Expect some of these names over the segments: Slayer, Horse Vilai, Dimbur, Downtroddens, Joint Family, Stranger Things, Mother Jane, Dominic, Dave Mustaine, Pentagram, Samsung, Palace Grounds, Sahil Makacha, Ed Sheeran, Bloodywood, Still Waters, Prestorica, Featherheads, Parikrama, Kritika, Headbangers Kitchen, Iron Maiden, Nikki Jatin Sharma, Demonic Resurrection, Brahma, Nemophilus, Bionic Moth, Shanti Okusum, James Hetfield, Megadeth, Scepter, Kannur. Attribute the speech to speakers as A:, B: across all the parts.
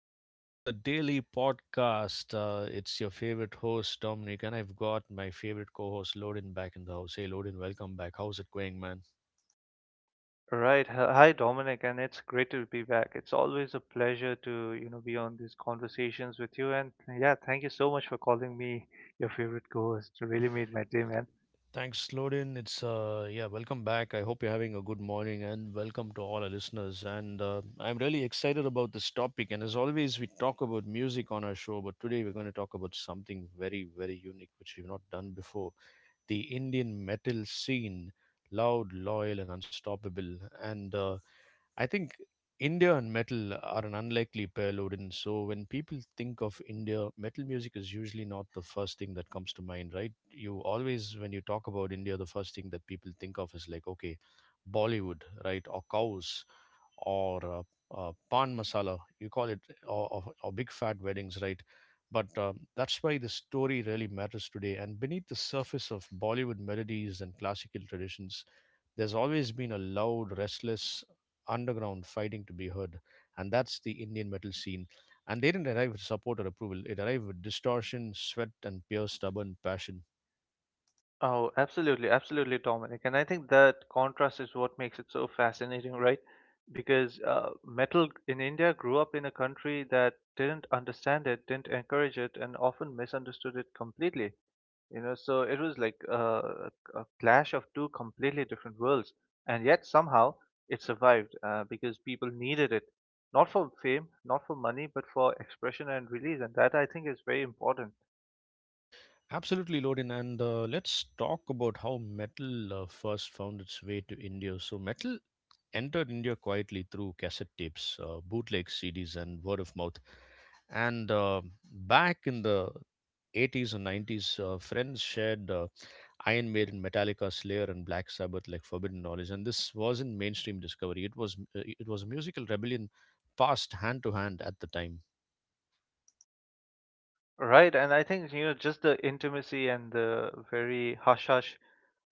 A: to the daily podcast. It's your favorite host, Dominic, and I've got my favorite co host, Lodin, back in the house. Hey, Lodin, welcome back. How's it going, man?
B: Right. Hi, Dominic, and it's great to be back. It's always a pleasure to, be on these conversations with you. And yeah, thank you so much for calling me your favorite co-host. You really made my day, man.
A: Thanks, Lodin. It's welcome back. I hope you're having a good morning and welcome to all our listeners. And I'm really excited about this topic. And as always, we talk about music on our show, but today we're going to talk about something very, very unique, which we've not done before: the Indian metal scene, loud, loyal, and unstoppable. And I think India and metal are an unlikely pair, Loden. So when people think of India, metal music is usually not the first thing that comes to mind, right? You always, when you talk about India, the first thing that people think of is like, okay, Bollywood, right? Or cows, or pan masala. You call it or big fat weddings, right? But That's why the story really matters today. And beneath the surface of Bollywood melodies and classical traditions, there's always been a loud, restless underground fighting to be heard, and that's the Indian metal scene. And they didn't arrive with support or approval; it arrived with distortion, sweat, and pure stubborn passion.
B: Oh, absolutely, absolutely, Dominic. And I think that contrast is what makes it so fascinating, right? Because metal in India grew up in a country that didn't understand it, didn't encourage it, and often misunderstood it completely. So it was like a clash of two completely different worlds, and yet somehow it survived, because people needed it, not for fame, not for money, but for expression and release. And that, I think, is very important.
A: Absolutely, Lodin. And Let's talk about how metal first found its way to India. So, metal entered India quietly through cassette tapes, bootleg CDs, and word of mouth. And Back in the 80s and 90s, friends shared Iron Maiden, Metallica, Slayer, and Black Sabbath like forbidden knowledge. And this wasn't mainstream discovery; it was musical rebellion passed hand to hand at the time.
B: Right, and I think, just the intimacy and the very hush hush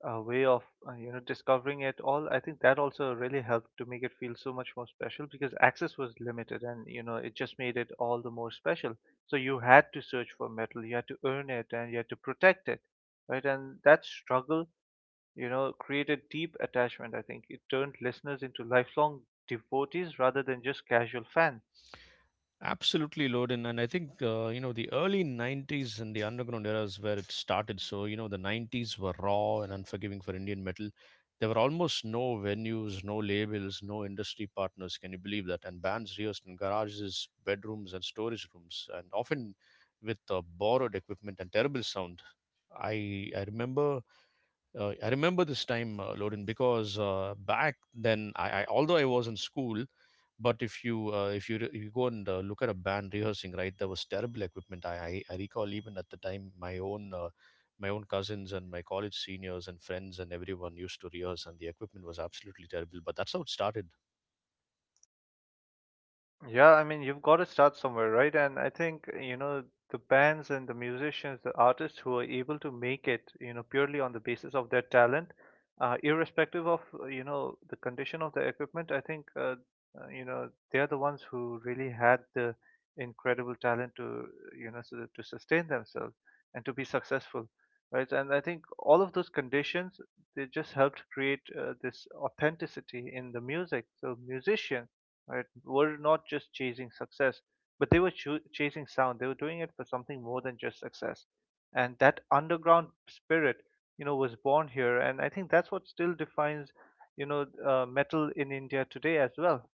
B: way of, discovering it all. I think that also really helped to make it feel so much more special, because access was limited, and it just made it all the more special. So you had to search for metal, you had to earn it, and you had to protect it, right? And that struggle, created deep attachment. I think it turned listeners into lifelong devotees rather than just casual fans.
A: Absolutely, Loden. And I think, the early 90s and the underground era is where it started. So, you know, the 90s were raw and unforgiving for Indian metal. There were almost no venues, no labels, no industry partners. Can you believe that? And bands rehearsed in garages, bedrooms, and storage rooms, and often with borrowed equipment and terrible sound. I I remember I remember this time, Loden, because back then, I although I was in school, but if you you go and look at a band rehearsing, right? There was terrible equipment. I recall even at the time my own cousins and my college seniors and friends and everyone used to rehearse, and the equipment was absolutely terrible, but that's how it started.
B: Yeah, I mean, you've got to start somewhere, right? And I think, the bands and the musicians, the artists who are able to make it, purely on the basis of their talent, irrespective of, the condition of the equipment. I think, they're the ones who really had the incredible talent to, to sustain themselves and to be successful, right? And I think all of those conditions, they just helped create, this authenticity in the music. So musicians, right, were not just chasing success, but they were chasing sound. They were doing it for something more than just success, and that underground spirit, was born here. And I think that's what still defines, metal in India today as well.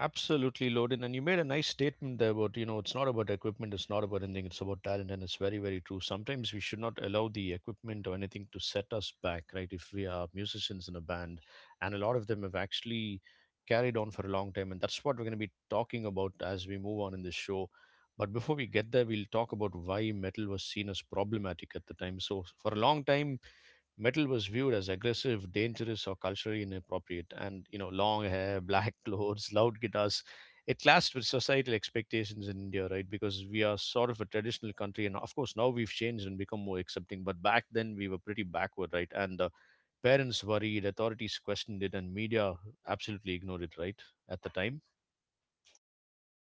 A: Absolutely, Loden. And you made a nice statement there about, you know, it's not about equipment, it's not about anything, it's about talent. And it's very, very true. Sometimes we should not allow the equipment or anything to set us back, right? If we are musicians in a band, and a lot of them have actually carried on for a long time. And that's what we're going to be talking about as we move on in this show. But before we get there, we'll talk about why metal was seen as problematic at the time. So, for a long time, metal was viewed as aggressive, dangerous, or culturally inappropriate. And you know, long hair, black clothes, loud guitars. It clashed with societal expectations in India, right? Because we are sort of a traditional country, and of course now we've changed and become more accepting. But back then we were pretty backward, right? And Parents worried, authorities questioned it, and media absolutely ignored it, right? At the time,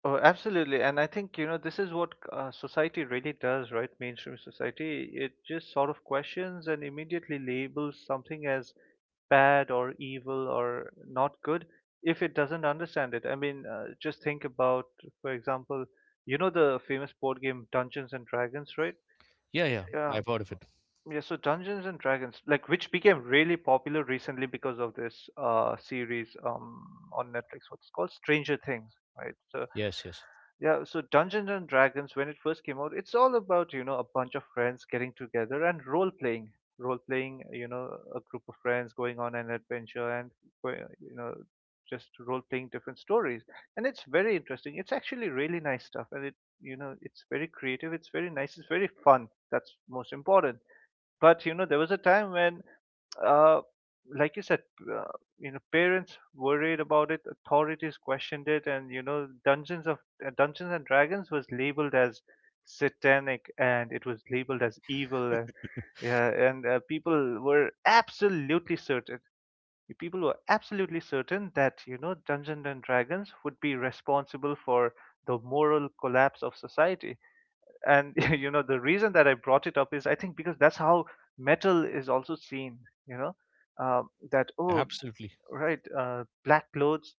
B: Oh, absolutely. And I think, this is what, society really does, right? Mainstream society. It just sort of questions and immediately labels something as bad or evil or not good if it doesn't understand it. I mean, just think about, for example, you know the famous board game Dungeons and Dragons, right?
A: yeah, yeah,
B: Yeah,
A: I've heard of it.
B: yeah, so Dungeons and Dragons, like, which became really popular recently because of this series on Netflix, what's called Stranger Things, right? So
A: Yes, yes,
B: yeah, so Dungeons and Dragons, when it first came out, it's all about, a bunch of friends getting together and role playing. Role playing, a group of friends going on an adventure and, go- you know, just role playing different stories. And it's very interesting. It's actually really nice stuff, and it's very creative, it's very nice, it's very fun. That's most important. But there was a time when, uh, like you said, uh, parents worried about it, authorities questioned it, and Dungeons and Dragons was labeled as satanic, and it was labeled as evil. And yeah, and people were absolutely certain. People were absolutely certain that, Dungeons and Dragons would be responsible for the moral collapse of society. And you know the reason that I brought it up is, I think, because that's how metal is also seen. you know that, oh,
A: absolutely,
B: right, black clothes,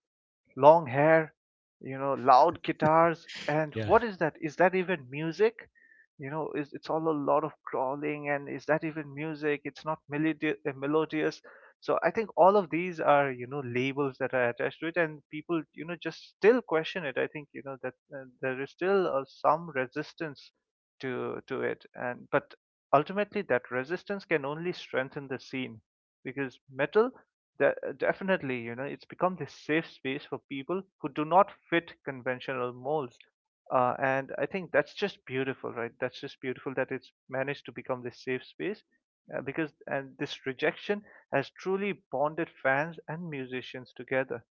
B: long hair, loud guitars. And
A: yeah.
B: what is that? Is that even music? You know, is it's all a lot of crawling, and is that even music? It's not melodious. So I think all of these are, labels that are attached to it, and people, just still question it. I think, that, there is still, some resistance to it. And but ultimately, that resistance can only strengthen the scene, because metal, definitely, it's become this safe space for people who do not fit conventional molds. And I think that's just beautiful, right? That's just beautiful that it's managed to become this safe space, and this rejection has truly bonded fans and musicians together.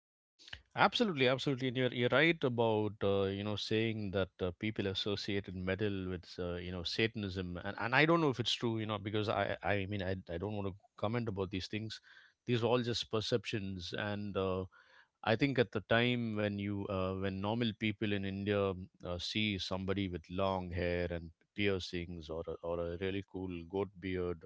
A: Absolutely, absolutely, and you're right about you know saying that people associated metal with you know, Satanism, and I don't know if it's true, you know, because I mean I don't want to comment about these things. These are all just perceptions, and I think at the time when you when normal people in India see somebody with long hair and piercings or a really cool goat beard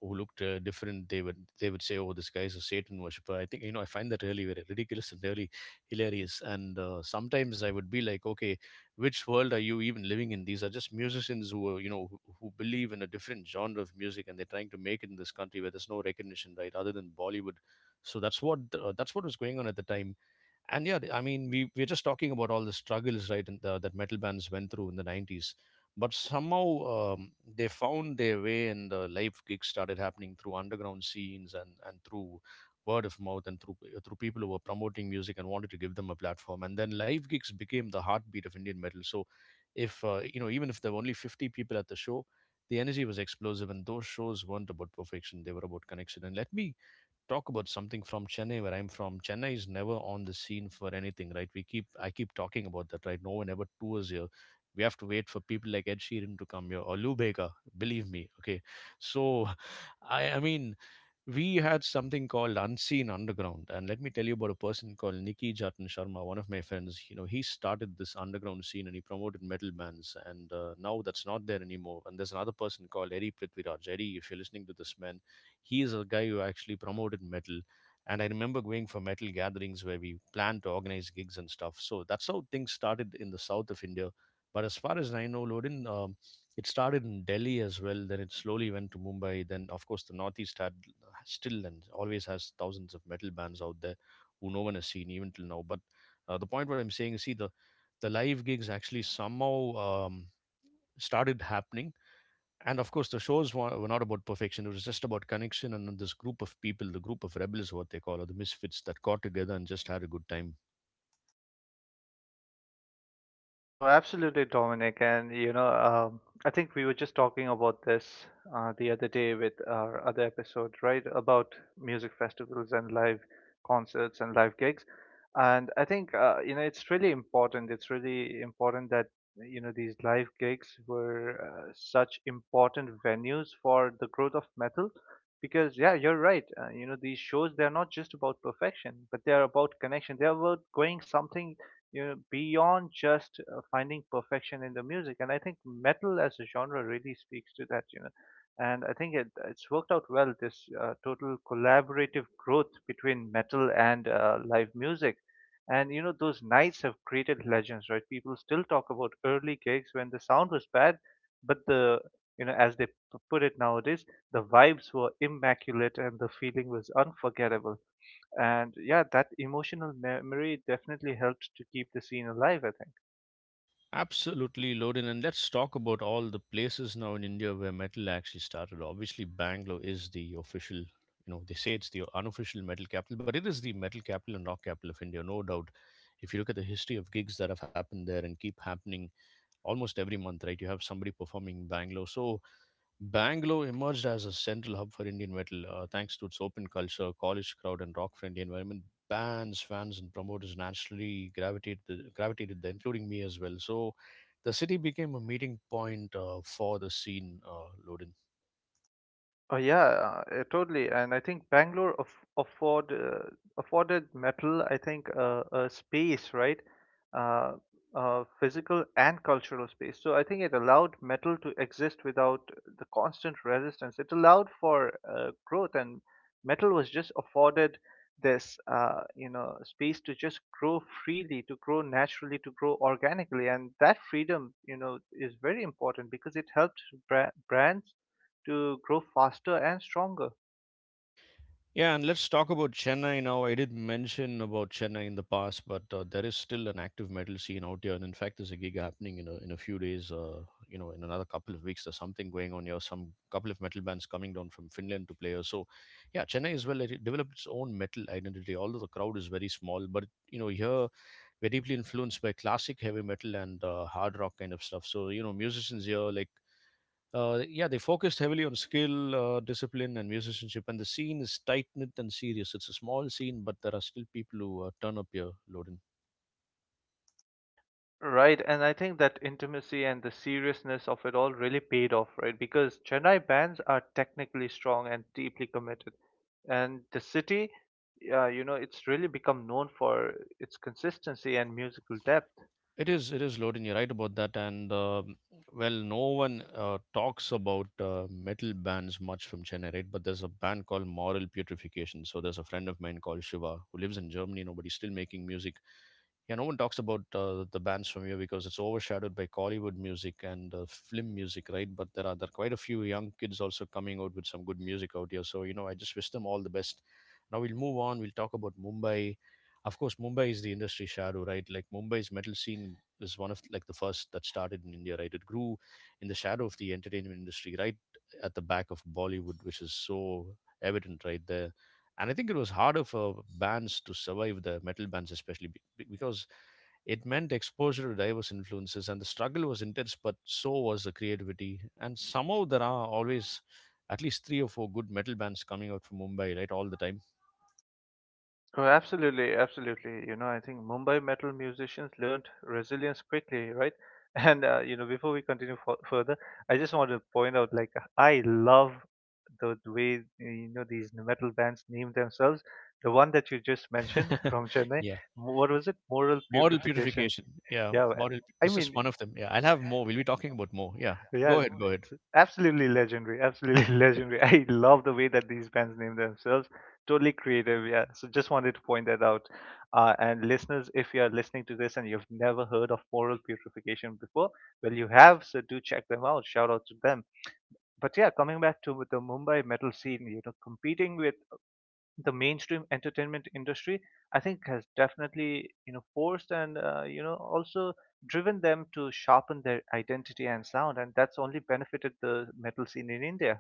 A: who looked different, they would say, "Oh, this guy's a Satan worshiper." I think, you know, I find that really very ridiculous and really hilarious. And Sometimes I would be like, "Okay, which world are you even living in? These are just musicians who are, you know, who believe in a different genre of music, and they're trying to make it in this country where there's no recognition, right? Other than Bollywood." So that's what was going on at the time. And yeah, I mean, we're just talking about all the struggles, right? And that metal bands went through in the 90s. But somehow they found their way, and the live gigs started happening through underground scenes, and through word of mouth, and through through people who were promoting music and wanted to give them a platform. And then live gigs became the heartbeat of Indian metal. So if, you know, even if there were only 50 people at the show, the energy was explosive, and those shows weren't about perfection, they were about connection. And let me talk about something from Chennai, where I'm from. Chennai is never on the scene for anything, right? We keep I keep talking about that, right? No one ever tours here. We have to wait for people like Ed Sheeran to come here or Lou Bega. Believe me, okay. So, I mean, we had something called Unseen Underground, and let me tell you about a person called Nikki Jatin Sharma. One of my friends, you know, he started this underground scene and he promoted metal bands. And now that's not there anymore, and there's another person called Eddie Prithviraj. Eddie, if you're listening to this, man, he is a guy who actually promoted metal. And I remember going for metal gatherings where we planned to organize gigs and stuff. So that's how things started in the south of India. But as far as I know, Lodin, it started in Delhi as well, then it slowly went to Mumbai, then of course the northeast had, still and always has, thousands of metal bands out there who no one has seen even till now. But the point what I'm saying is, see, the live gigs actually somehow started happening. And of course, the shows were not about perfection. It was just about connection, and this group of people, the group of rebels, what they call, or the misfits that got together and just had a good time.
B: Oh, absolutely, Dominic. And I think we were just talking about this, the other day, with our other episode, right? About music festivals and live concerts and live gigs. And I think, it's really important. It's really important that, these live gigs were, such important venues for the growth of metal, because yeah, you're right. These shows, they're not just about perfection, but they're about connection. They're about going something, beyond just, finding perfection in the music. And I think metal as a genre really speaks to that. And I think it's worked out well, this, total collaborative growth between metal and, live music. And those nights have created legends, right? People still talk about early gigs when the sound was bad, but the you know, as they put it nowadays, the vibes were immaculate and the feeling was unforgettable. And yeah, that emotional memory definitely helped to keep the scene alive, I think.
A: Absolutely, Loden. And let's talk about all the places now in India where metal actually started. Obviously, Bangalore is the official, you know, they say it's the unofficial metal capital, but it is the metal capital and rock capital of India, no doubt. If you look at the history of gigs that have happened there and keep happening almost every month, right, you have somebody performing in Bangalore. So Bangalore emerged as a central hub for Indian metal, thanks to its open culture, college crowd, and rock friendly environment. Bands, fans, and promoters naturally gravitated there, including me as well. So the city became a meeting point, for the scene, Loden.
B: Oh yeah, totally. And I think Bangalore afforded metal, I think, a space, right? Uh, Physical and cultural space. So I think it allowed metal to exist without the constant resistance. It allowed for, growth, and metal was just afforded this, space to just grow freely, to grow naturally, to grow organically. And that freedom, is very important, because it helped brands to grow faster and stronger.
A: Yeah, and let's talk about Chennai now. I did mention about Chennai in the past, but there is still an active metal scene out here. And in fact, there's a gig happening in a few days. You know, in another couple of weeks, there's something going on here. Some couple of metal bands coming down from Finland to play here. So, yeah, Chennai as well. It developed its own metal identity, although the crowd is very small. But you know, here we're deeply influenced by classic heavy metal and hard rock kind of stuff. So, you know, musicians here like yeah, they focused heavily on skill, discipline, and musicianship, and the scene is tight knit and serious. It's a small scene, but there are still people who turn up here, Loden.
B: Right, and I think that intimacy and the seriousness of it all really paid off, right? Because Chennai bands are technically strong and deeply committed, and the city, it's really become known for its consistency and musical depth.
A: It is, it is, loading. You're right about that. And Well, no one talks about metal bands much from Chennai, right? But there's a band called Moral Purification. So there's a friend of mine called Shiva who lives in Germany. Nobody's still making music. Yeah, no one talks about the bands from here because it's overshadowed by Kollywood music and film music, right? But there are quite a few young kids also coming out with some good music out here. So you know, I just wish them all the best. Now we'll move on. We'll talk about Mumbai. Of course, Mumbai is the industry shadow, right? Like Mumbai's metal scene is one of like the first that started in India, right? It grew in the shadow of the entertainment industry, right at the back of Bollywood, which is so evident right there. And I think it was harder for bands to survive the metal bands, especially because it meant exposure to diverse influences, and the struggle was intense, but so was the creativity. And somehow there are always at least three or four good metal bands coming out from Mumbai, right, all the time.
B: Oh, absolutely, absolutely. You know, I think Mumbai metal musicians learned resilience quickly, right? And, before we continue f further, I just want to point out, like, I love the way, these metal bands name themselves. The one that you just mentioned from Chennai, what was it? Moral
A: Moral
B: Putrefaction.
A: purification. Yeah,
B: Yeah,
A: moral.
B: I
A: This is one
B: mean,
A: of them. Yeah, I'll have more. We'll be talking about more. Yeah,
B: yeah,
A: go ahead. Go ahead.
B: it's absolutely legendary. Absolutely legendary. I love the way that these bands name themselves. Totally creative. Yeah. So just wanted to point that out. And listeners, if you are listening to this and you've never heard of Moral Purification before, well, you have. So do check them out. Shout out to them. But yeah, coming back to the Mumbai metal scene, competing with the mainstream entertainment industry, I think, has definitely, forced, and, also driven them to sharpen their identity and sound, and that's only benefited the metal scene in India.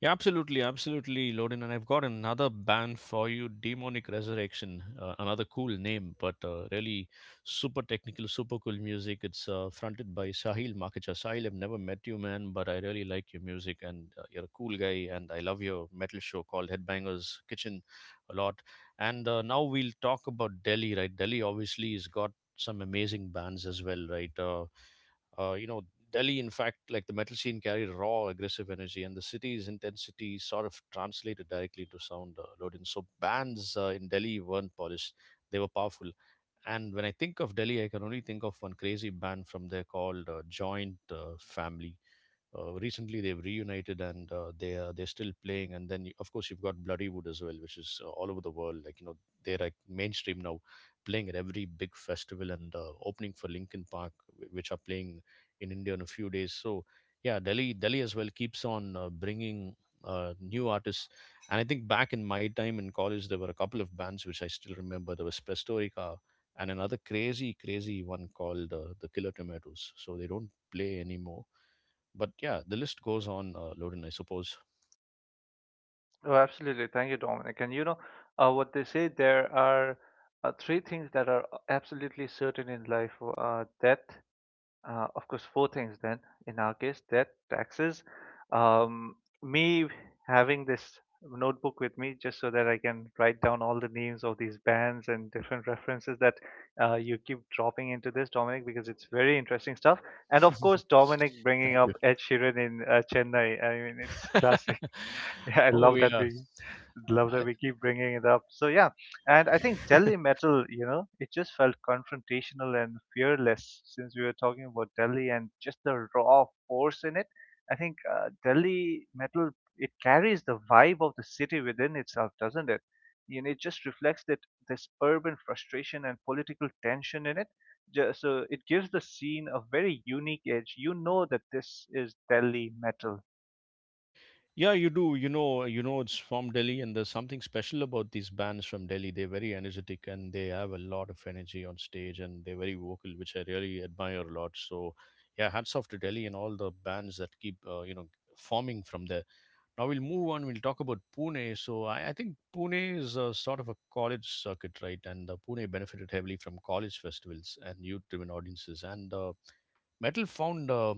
A: Yeah, absolutely, absolutely, Lodin. And I've got another band for you, Demonic Resurrection. Another cool name, but really super technical, super cool music. It's fronted by Sahil Makacha. Sahil, I've never met you, man, but I really like your music, and you're a cool guy. And I love your metal show called Headbangers Kitchen a lot. And Now we'll talk about Delhi, right? Delhi obviously has got some amazing bands as well, right? Uh, you know, Delhi, in fact, like the metal scene carried raw, aggressive energy, and the city's intensity sort of translated directly into sound loading. So bands in Delhi weren't polished; they were powerful. And when I think of Delhi, I can only think of one crazy band from there called Joint Family. Recently they've reunited and they're still playing. And then you, of course, you've got Bloodywood as well, which is all over the world, like you know, they're like mainstream now, playing at every big festival and opening for Linkin Park, which are playing in India in a few days. So yeah, Delhi as well keeps on bringing new artists. And I think back in my time in college there were a couple of bands which I still remember. There was Prestorica and another crazy crazy one called the Killer Tomatoes. So they don't play anymore, but yeah, the list goes on, Loden, I suppose.
B: Oh, absolutely. Thank you, Dominic. And what they say: there are, three things that are absolutely certain in life: death. Of course, four things then, in our case: debt, taxes, um, me having this notebook with me just so that I can write down all the names of these bands and different references that, you keep dropping into this, Dominic, because it's very interesting stuff. And of course, Dominic bringing
A: Thank
B: up
A: you.
B: Ed Sheeran in, Chennai. I mean, it's classic. Yeah, I
A: Oh
B: love that
A: yeah.
B: we love that
A: I,
B: we keep bringing it up. So yeah, and I think Delhi metal, it just felt confrontational and fearless, since we were talking about Delhi and just the raw force in it. I think, Delhi metal, it carries the vibe of the city within itself, doesn't it? It just reflects that, this urban frustration and political tension in it. So it gives the scene a very unique edge. You know that this is Delhi metal.
A: yeah, you do. You know, it's from Delhi, and there's something special about these bands from Delhi. They're very energetic and they have a lot of energy on stage, and they're very vocal, which I really admire a lot. So yeah, hats off to Delhi and all the bands that keep, you know, forming from there. Now we'll move on. We'll talk about Pune. So I think Pune is a sort of a college circuit, right? And Pune benefited heavily from college festivals and youth-driven audiences. And metal found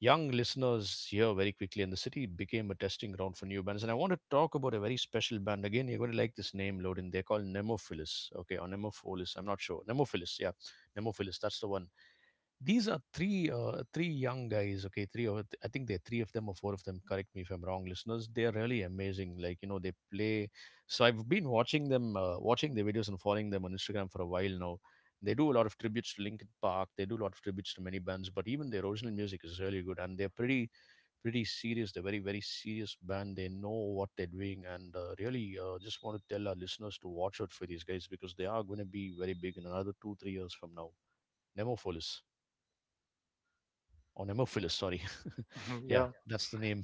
A: young listeners here very quickly, and the city became a testing ground for new bands. And I want to talk about a very special band again. You're going to like this name, Loden. They're called Nemophilus, okay, or Nemophilus. I'm not sure. Nemophilus, yeah, Nemophilus. That's the one. These are three three young guys. Okay, three of, I think there are three of them or four of them, correct me if I'm wrong, listeners. They're really amazing, like you know, they play. So I've been watching them, watching their videos and following them on Instagram for a while now. They do a lot of tributes to Linkin Park, they do a lot of tributes to many bands, but even their original music is really good, and they're pretty serious. They're very very serious band. They know what they're doing, and really just want to tell our listeners to watch out for these guys because they are going to be very big in another 2-3 years from now. Nemophilus, or Nemophilus, sorry. Yeah,
B: Yeah.
A: that's the name.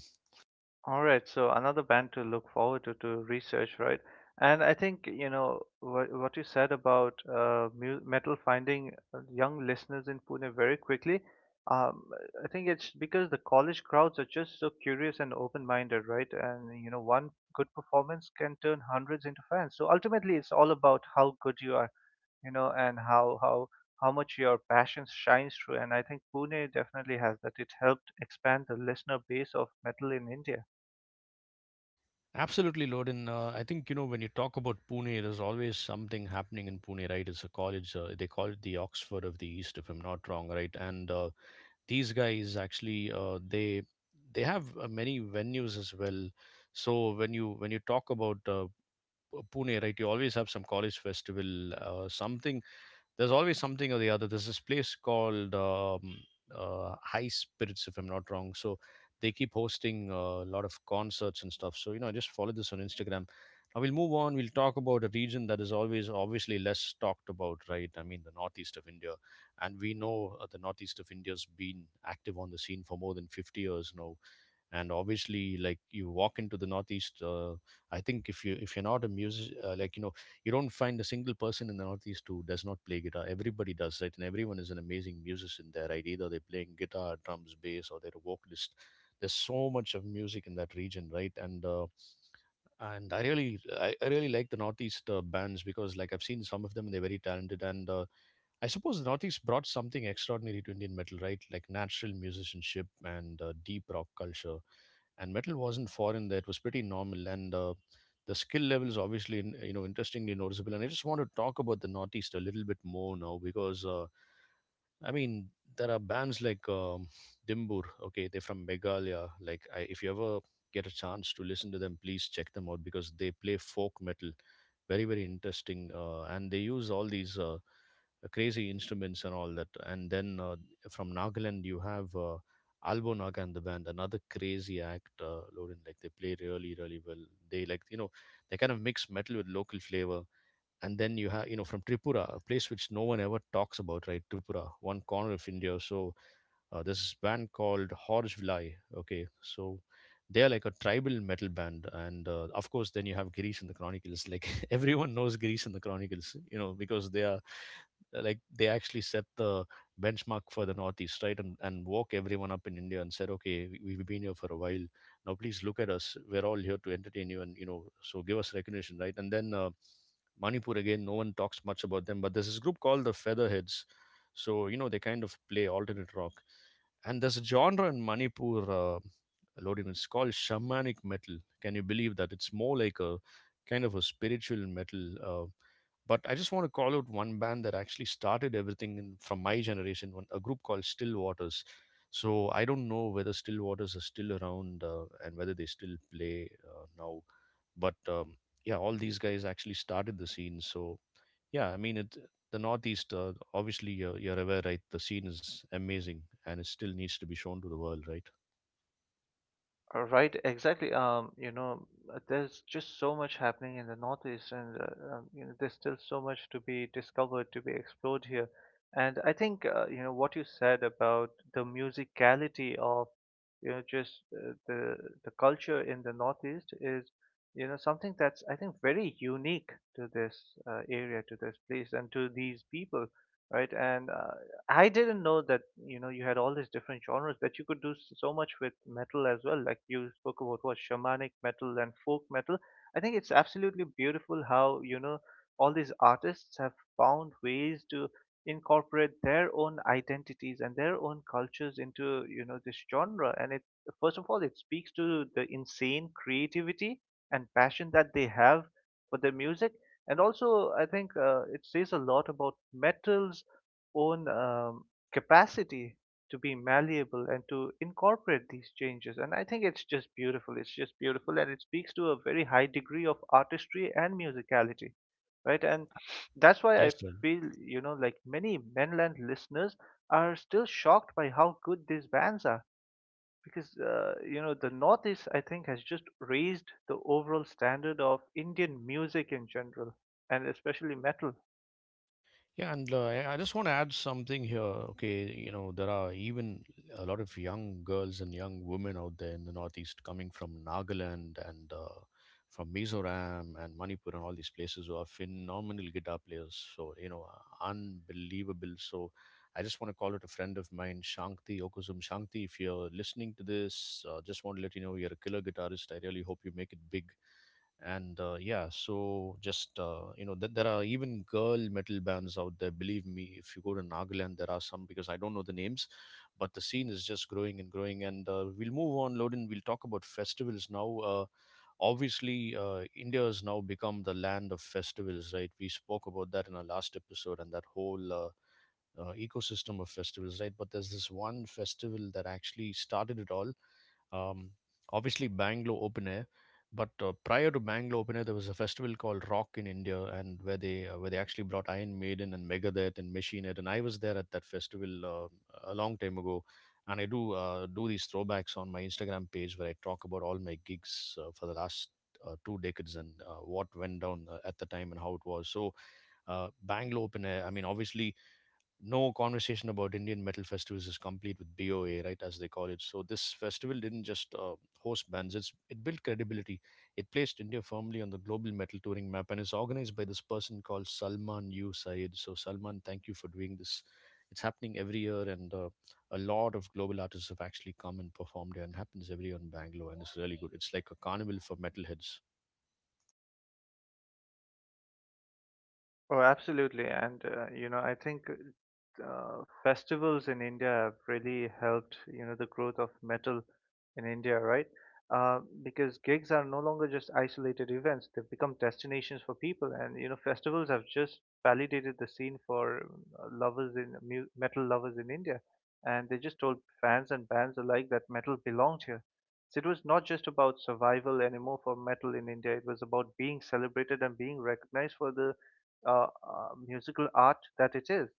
B: All right, so another band to look forward to research, right? And I think, what you said about, mu metal finding, young listeners in Pune very quickly. Um, I think it's because the college crowds are just so curious and open-minded, right? And one good performance can turn hundreds into fans. So ultimately, it's all about how good you are, and how much your passion shines through. And I think Pune definitely has that. It helped expand the listener base of metal in India.
A: Absolutely, Lodin. I think, you know, when you talk about Pune, there's always something happening in Pune, right? It's a college, they call it the Oxford of the East, if I'm not wrong, right? And these guys actually, they have many venues as well. So when you, when you talk about Pune, right, you always have some college festival, something there's always something or the other. There's this place called High Spirits, if I'm not wrong. So they keep hosting a lot of concerts and stuff. So you know, I just follow this on Instagram. Now we'll move on. We'll talk about a region that is always obviously less talked about, right? I mean, the northeast of India, and we know the northeast of India's been active on the scene for more than 50 years now. And obviously, like, you walk into the northeast, I think if you, if you're not a music like you know, you don't find a single person in the northeast who does not play guitar. Everybody does, right? And everyone is an amazing musician there, right? Either they're playing guitar, drums, bass, or they're a vocalist. There's so much of music in that region, right? And I really like the northeast bands because like I've seen some of them and they're very talented. And I suppose the Northeast brought something extraordinary to Indian metal, right? Like natural musicianship and deep rock culture. And metal wasn't foreign there; it was pretty normal. And the skill level is obviously, you know, interestingly noticeable. And I just want to talk about the Northeast a little bit more now because. I mean, there are bands like Dimbur. Okay, they're from Meghalaya. If you ever get a chance to listen to them, please check them out because they play folk metal, very very interesting. And they use all these crazy instruments and all that. And then from Nagaland, you have Albo Naga and the band, another crazy act, Lorin. Like they play really really well. They, like you know, they kind of mix metal with local flavor. And then you have, you know, from Tripura, a place which no one ever talks about, right? Tripura, one corner of India. So there's this band called Horse Vilai. Okay, so they are like a tribal metal band. And of course, then you have Girish and the Chronicles. Like everyone knows Girish and the Chronicles, you know, because they are like they actually set the benchmark for the Northeast, right? And woke everyone up in India and said, okay, we've been here for a while. Now please look at us. We're all here to entertain you, and you know, so give us recognition, right? And then. Manipur again, no one talks much about them, but there's this group called the Featherheads. So you know they kind of play alternate rock. And there's a genre in Manipur, Lodin. It's called shamanic metal. Can you believe that? It's more like a kind of a spiritual metal. Uh, but I just want to call out one band that actually started everything in, from my generation, one, a group called Still Waters. So I don't know whether Still Waters are still around and whether they still play now. But yeah, all these guys actually started the scene. So yeah, I mean, it, the Northeast. Obviously, you're aware, right? The scene is amazing, and it still needs to be shown to the world, right?
B: Right, exactly. There's just so much happening in the Northeast, and there's still so much to be discovered, to be explored here. And I think you know what you said about the musicality of you know just the culture in the Northeast is you know something that's I think very unique to this area, to this place, and to these people, right? And I didn't know that, you know, you had all these different genres that you could do so much with metal as well. Like you spoke about what shamanic metal and folk metal. I think it's absolutely beautiful how, you know, all these artists have found ways to incorporate their own identities and their own cultures into, you know, this genre. And it, first of all, it speaks to the insane creativity and passion that they have for their music. And also, I think it says a lot about metal's own capacity to be malleable and to incorporate these changes. And I think it's just beautiful. It's just beautiful, and it speaks to a very high degree of artistry and musicality, right? And that's why I
A: Yes, sir.
B: feel, you know, like many mainland listeners are still shocked by how good these bands are. Because you know the Northeast, I think, has just raised the overall standard of Indian music in general, and especially metal.
A: Yeah, and I just want to add something here. Okay, you know, there are even a lot of young girls and young women out there in the Northeast coming from Nagaland and from Mizoram and Manipur and all these places who are phenomenal guitar players. So, you know, unbelievable. So, I just want to call out a friend of mine, Shanti Okusum. Shanti, if you're listening to this, just want to let you know you're a killer guitarist. I really hope you make it big. And yeah, so just you know, there are even girl metal bands out there, believe me. If you go to Nagaland, there are some, because I don't know the names, but the scene is just growing and growing. And we'll move on, Loden. We'll talk about festivals now. Obviously, India has now become the land of festivals, right? We spoke about that in our last episode and that whole ecosystem of festivals, right? But there's this one festival that actually started it all. Um, Obviously, Bangalore Open Air. But prior to Bangalore Open Air, there was a festival called Rock in India, and where they actually brought Iron Maiden and Megadeth and Machine Head, and I was there at that festival a long time ago, and I do do these throwbacks on my Instagram page where I talk about all my gigs for the last 2 decades and what went down at the time and how it was. So Bangalore Open Air, I mean, obviously no conversation about Indian metal festivals is complete with BOA, right, as they call it. So this festival didn't just host bands; it built credibility. It placed India firmly on the global metal touring map, and is organized by this person called Salman U Said. So Salman, thank you for doing this. It's happening every year, and a lot of global artists have actually come and performed here, and happens every year in Bangalore, and it's really good. It's like a carnival for metalheads.
B: Oh, absolutely. And, you know, I think festivals in India have really helped, you know, the growth of metal in India, right? Because gigs are no longer just isolated events, they've become destinations for people. And, you know, festivals have just validated the scene for lovers in mu metal lovers in India. And they just told fans and bands alike that metal belonged here. So it was not just about survival anymore for metal in India, it was about being celebrated and being recognized for the musical art that it is.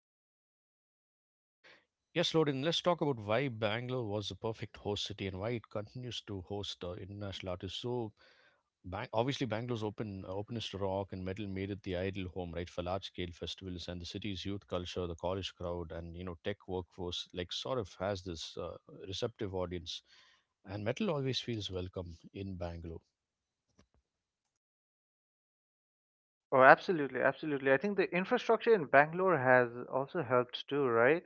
A: Yes, Loden, let's talk about why Bangalore was the perfect host city and why it continues to host international artists. So, Obviously, Bangalore's openness to rock and metal made it the ideal home, right, for large scale festivals. And the city's youth culture, the college crowd, and you know tech workforce, like sort of has this receptive audience. And metal always feels welcome in Bangalore.
B: Oh, absolutely, absolutely. I think the infrastructure in Bangalore has also helped too, right?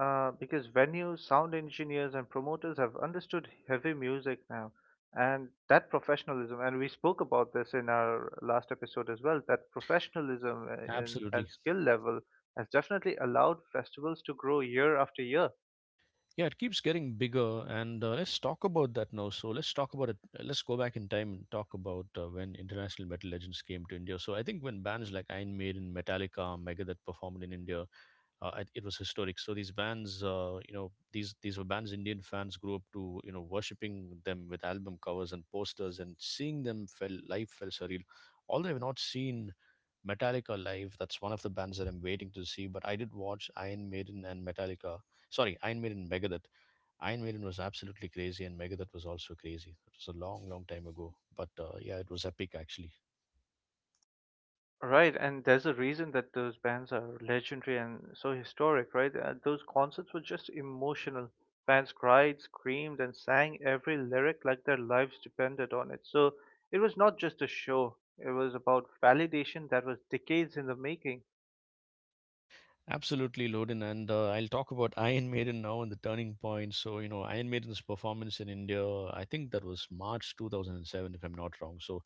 B: Because venues, sound engineers, and promoters have understood heavy music now, and that professionalism. And we spoke about this in our last episode as well. That professionalism
A: Absolutely,
B: and skill level has definitely allowed festivals to grow year after year.
A: yeah. It keeps getting bigger, and let's talk about that now. So let's talk about it. Let's go back in time and talk about when international metal legends came to India. So I think when bands like Iron Maiden, Metallica, Megadeth performed in India, it was historic. So these bands, you know, these were bands Indian fans grew up to, you know, worshipping them with album covers and posters, and seeing them felt live felt surreal. Although I've not seen Metallica live, that's one of the bands that I'm waiting to see. But I did watch Iron Maiden and Metallica. Sorry, Iron Maiden, and Megadeth. Iron Maiden was absolutely crazy, and Megadeth was also crazy. It was a long, long time ago, but yeah, it was epic actually.
B: Right, and there's a reason that those bands are legendary and so historic, right? Those concerts were just emotional. Fans cried, screamed, and sang every lyric like their lives depended on it. So it was not just a show, it was about validation that was decades in the making.
A: Absolutely, Loden. And I'll talk about Iron Maiden now and the turning point. So, you know, Iron Maiden's performance in India, I think that was March 2007, if I'm not wrong. So,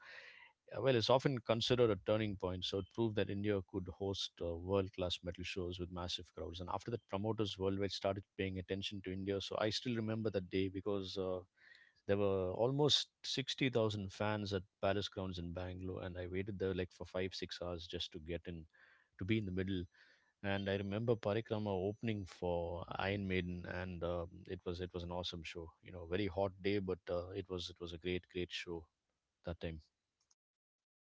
A: well, it's often considered a turning point. So, it proved that India could host world class metal shows with massive crowds. And after that, promoters worldwide started paying attention to India. So, I still remember that day because there were almost 60,000 fans at Palace Grounds in Bangalore. And I waited there like for 5, 6 hours just to get in, to be in the middle. And I remember Parikrama opening for Iron Maiden, and it was an awesome show. You know, very hot day, but it was a great show that time.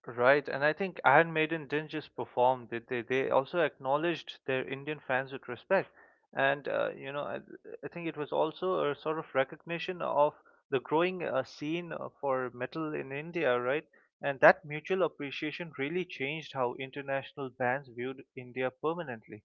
B: Right, and I think Iron Maiden didn't just perform; they also acknowledged their Indian fans with respect, and I think it was also a sort of recognition of the growing scene for metal in India, right? And that mutual appreciation really changed how international bands viewed India permanently.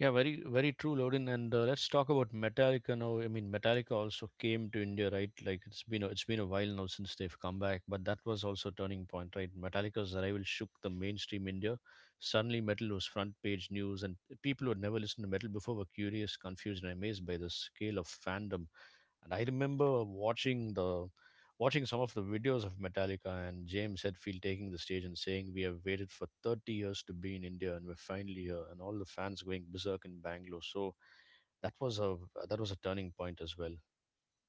A: Yeah, very very true, Lodin. And let's talk about Metallica now. I mean, Metallica also came to India, right? Like it's been a while now since they've come back, but that was also a turning point, right? Metallica's arrival shook the mainstream India. Suddenly, metal was front page news, and people who had never listened to metal before were curious, confused, and amazed by the scale of fandom. And I remember watching some of the videos of Metallica and James Hetfield taking the stage and saying, "We have waited for 30 years to be in India, and we're finally here." And all the fans going berserk in Bangalore. So that was a that was a turning point as well.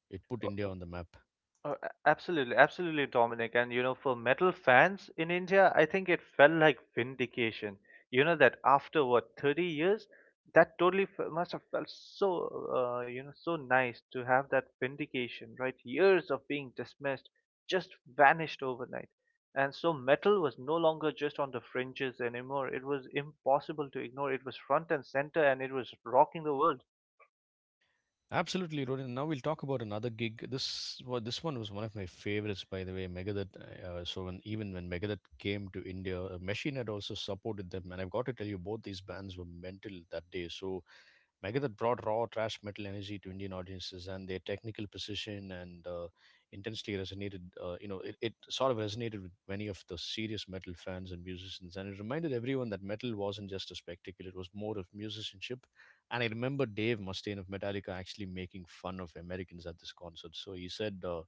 A: It put India on the map.
B: Oh, absolutely, absolutely, Dominic. And you know, for metal fans in India, I think it felt like vindication. You know that after what 30 years, that totally f must have felt so, you know, so nice to have that vindication, right? Years of being dismissed just vanished overnight. And so metal was no longer just on the fringes anymore. It was impossible to ignore. It was front and center, and it was rocking the world.
A: Absolutely, Rodin. Now we'll talk about another gig. This well, this one was one of my favorites, by the way. Megadeth. So when even when Megadeth came to India, Machine had also supported them, and I've got to tell you, both these bands were mental that day. So Megadeth brought raw thrash metal energy to Indian audiences, and their technical precision and intensely resonated. You know, it sort of resonated with many of the serious metal fans and musicians, and it reminded everyone that metal wasn't just a spectacle; it was more of musicianship. And I remember Dave Mustaine of Metallica actually making fun of Americans at this concert. So he said, uh,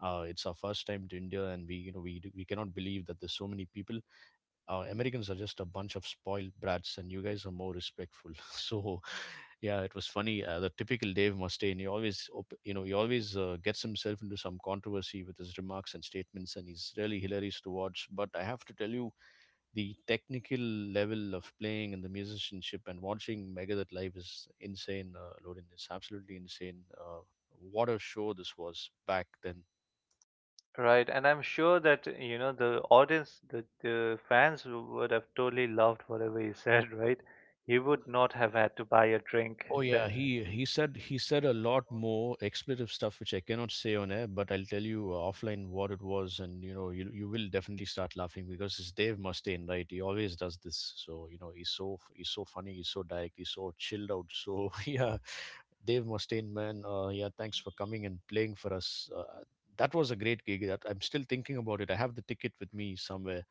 A: uh, "It's our first time to India, and we, you know, we cannot believe that there's so many people. Americans are just a bunch of spoiled brats, and you guys are more respectful." So yeah, it was funny. The typical Dave Mustaine. He always, op- you know, he always gets himself into some controversy with his remarks and statements, and he's really hilarious to watch. But I have to tell you, the technical level of playing and the musicianship and watching Megadeth live is insane, Lorin. It's absolutely insane. What a show this was back then.
B: Right, and I'm sure that you know the audience, the fans would have totally loved whatever he said, right? He would not have had to buy a drink
A: Oh yeah,
B: then.
A: he said a lot more expletive stuff which I cannot say on air, but I'll tell you offline what it was, and you will definitely start laughing because it's Dave Mustaine, right? He always does this, so you know he's so funny, he's so direct, he's so chilled out, so yeah, Dave Mustaine, man, yeah, thanks for coming and playing for us. That was a great gig. That I'm still thinking about it. I have the ticket with me somewhere,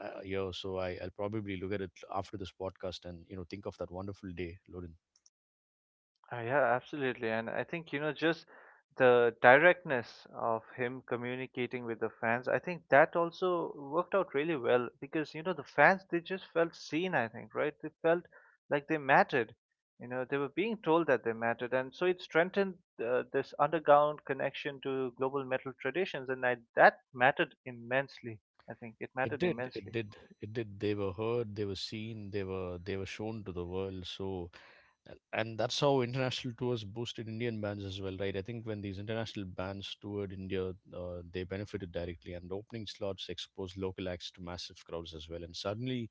A: yo. So I'll probably look at it after this podcast and you know think of that wonderful day, Lorin.
B: Yeah, absolutely. And I think, you know, just the directness of him communicating with the fans, I think that also worked out really well because, you know, the fans, they just felt seen, I think, right? They felt like they mattered. You know, they were being told that they mattered. And so it strengthened this underground connection to global metal traditions. And I, that mattered immensely. I think it
A: It
B: mattered
A: did, it
B: immensely.
A: did, it did. They were heard, they were seen, they were shown to the world. So and that's how international tours boosted Indian bands as well, right? I think when these international bands toured India, they benefited directly, and opening slots exposed local acts to massive crowds as well. And suddenly,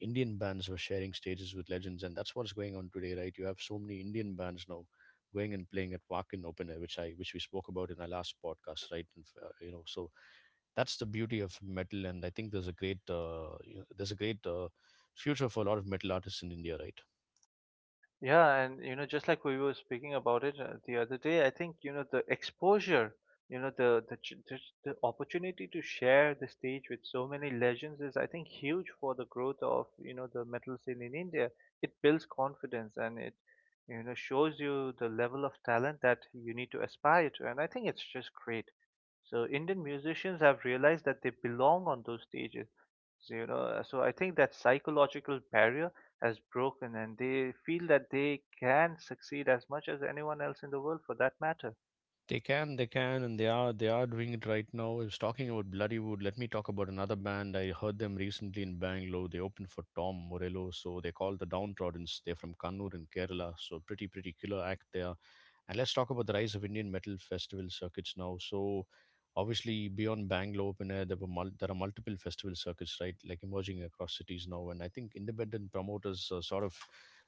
A: Indian bands were sharing stages with legends, and that's what's going on today, right? You have so many Indian bands now going and playing at Wacken Open Air, which we spoke about in our last podcast, right? And, you know, so that's the beauty of metal, and I think there's a great future for a lot of metal artists in India, right?
B: Yeah, and you know, just like we were speaking about it the other day, I think you know the exposure, you know, just the opportunity to share the stage with so many legends is, I think, huge for the growth of you know the metal scene in India. It builds confidence and it, you know, shows you the level of talent that you need to aspire to, and I think it's just great. So Indian musicians have realized that they belong on those stages. So, you know, so I think that psychological barrier as broken and they feel that they can succeed as much as anyone else in the world for that matter.
A: They can, and they are doing it right now. I was talking about Bloodywood. Let me talk about another band. I heard them recently in Bangalore. They opened for Tom Morello, so they're called the Downtroddens. They're from Kannur in Kerala, so pretty killer act there. And let's talk about the rise of Indian metal festival circuits now. So obviously beyond Bangalore open air, there are multiple festival circuits right, like emerging across cities now. And I think independent promoters are sort of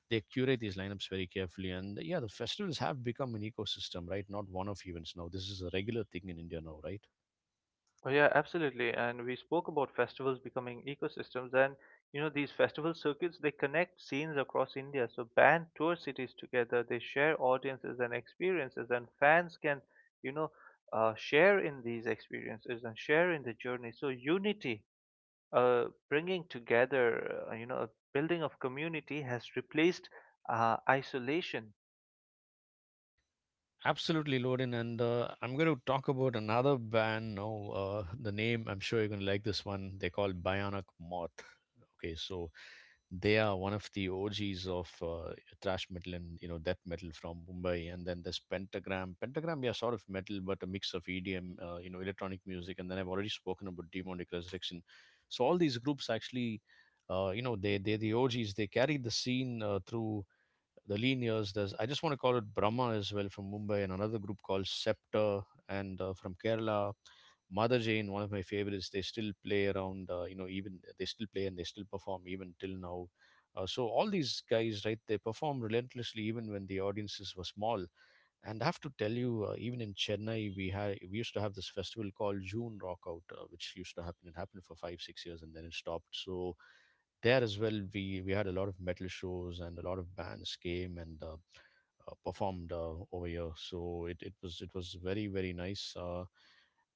A: they curate these lineups very carefully. And yeah, the festivals have become an ecosystem, right? Not one off events now. This is a regular thing in India now, right?
B: Oh, yeah, absolutely. And we spoke about festivals becoming ecosystems, and you know, these festival circuits they connect scenes across India. So bands tour cities together, they share audiences and experiences, and fans can, you know, share in these experiences and share in the journey. So unity, bringing together, a building of community has replaced isolation.
A: Absolutely, Loden. And I'm going to talk about another band now. The name, I'm sure you're going to like this one. They're called Bionic Moth. Okay, so they are one of the OGs of thrash metal and you know death metal from Mumbai. And then there's Pentagram. Pentagram, yeah, sort of metal, but a mix of EDM, you know, electronic music. And then I've already spoken about Demonic Resurrection. So all these groups actually, they're the OGs. They carry the scene through the Linears. There's I just want to call it Brahma as well from Mumbai, and another group called Scepter, and from Kerala, Mother Jane, one of my favorites. They still play around, you know, even they still play and they still perform even till now. So all these guys, right, they perform relentlessly even when the audiences were small. And I have to tell you, even in Chennai, we used to have this festival called June Rockout, which used to happen. It happened for 5, 6 years, and then it stopped. So there as well, we had a lot of metal shows and a lot of bands came and performed over here. So it was very very nice.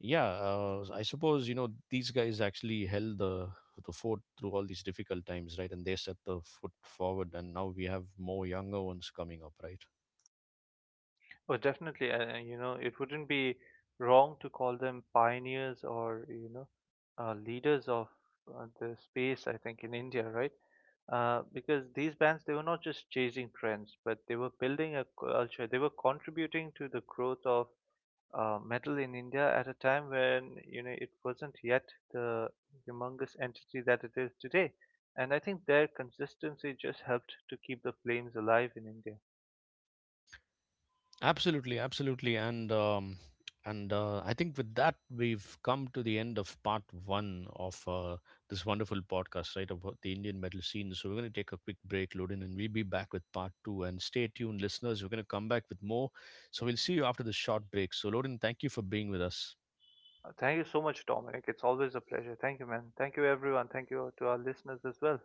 A: Yeah, I suppose you know these guys actually held the fort through all these difficult times, right? And they set the foot forward, and now we have more younger ones coming up, right?
B: Oh, definitely. And you know, it wouldn't be wrong to call them pioneers or, you know, leaders of the space, I think, in India, right? Because these bands, they were not just chasing trends, but they were building a culture. They were contributing to the growth of metal in India at a time when, you know, it wasn't yet the humongous entity that it is today. And I think their consistency just helped to keep the flames alive in India.
A: Absolutely, absolutely, and I think with that we've come to the end of part one of this wonderful podcast, right, about the Indian metal scene. So we're going to take a quick break, Loden, and we'll be back with part two. And stay tuned, listeners. We're going to come back with more. So we'll see you after this short break. So Loden, thank you for being with us.
B: Thank you so much, Dominic. It's always a pleasure. Thank you, man. Thank you, everyone. Thank you to our listeners as well.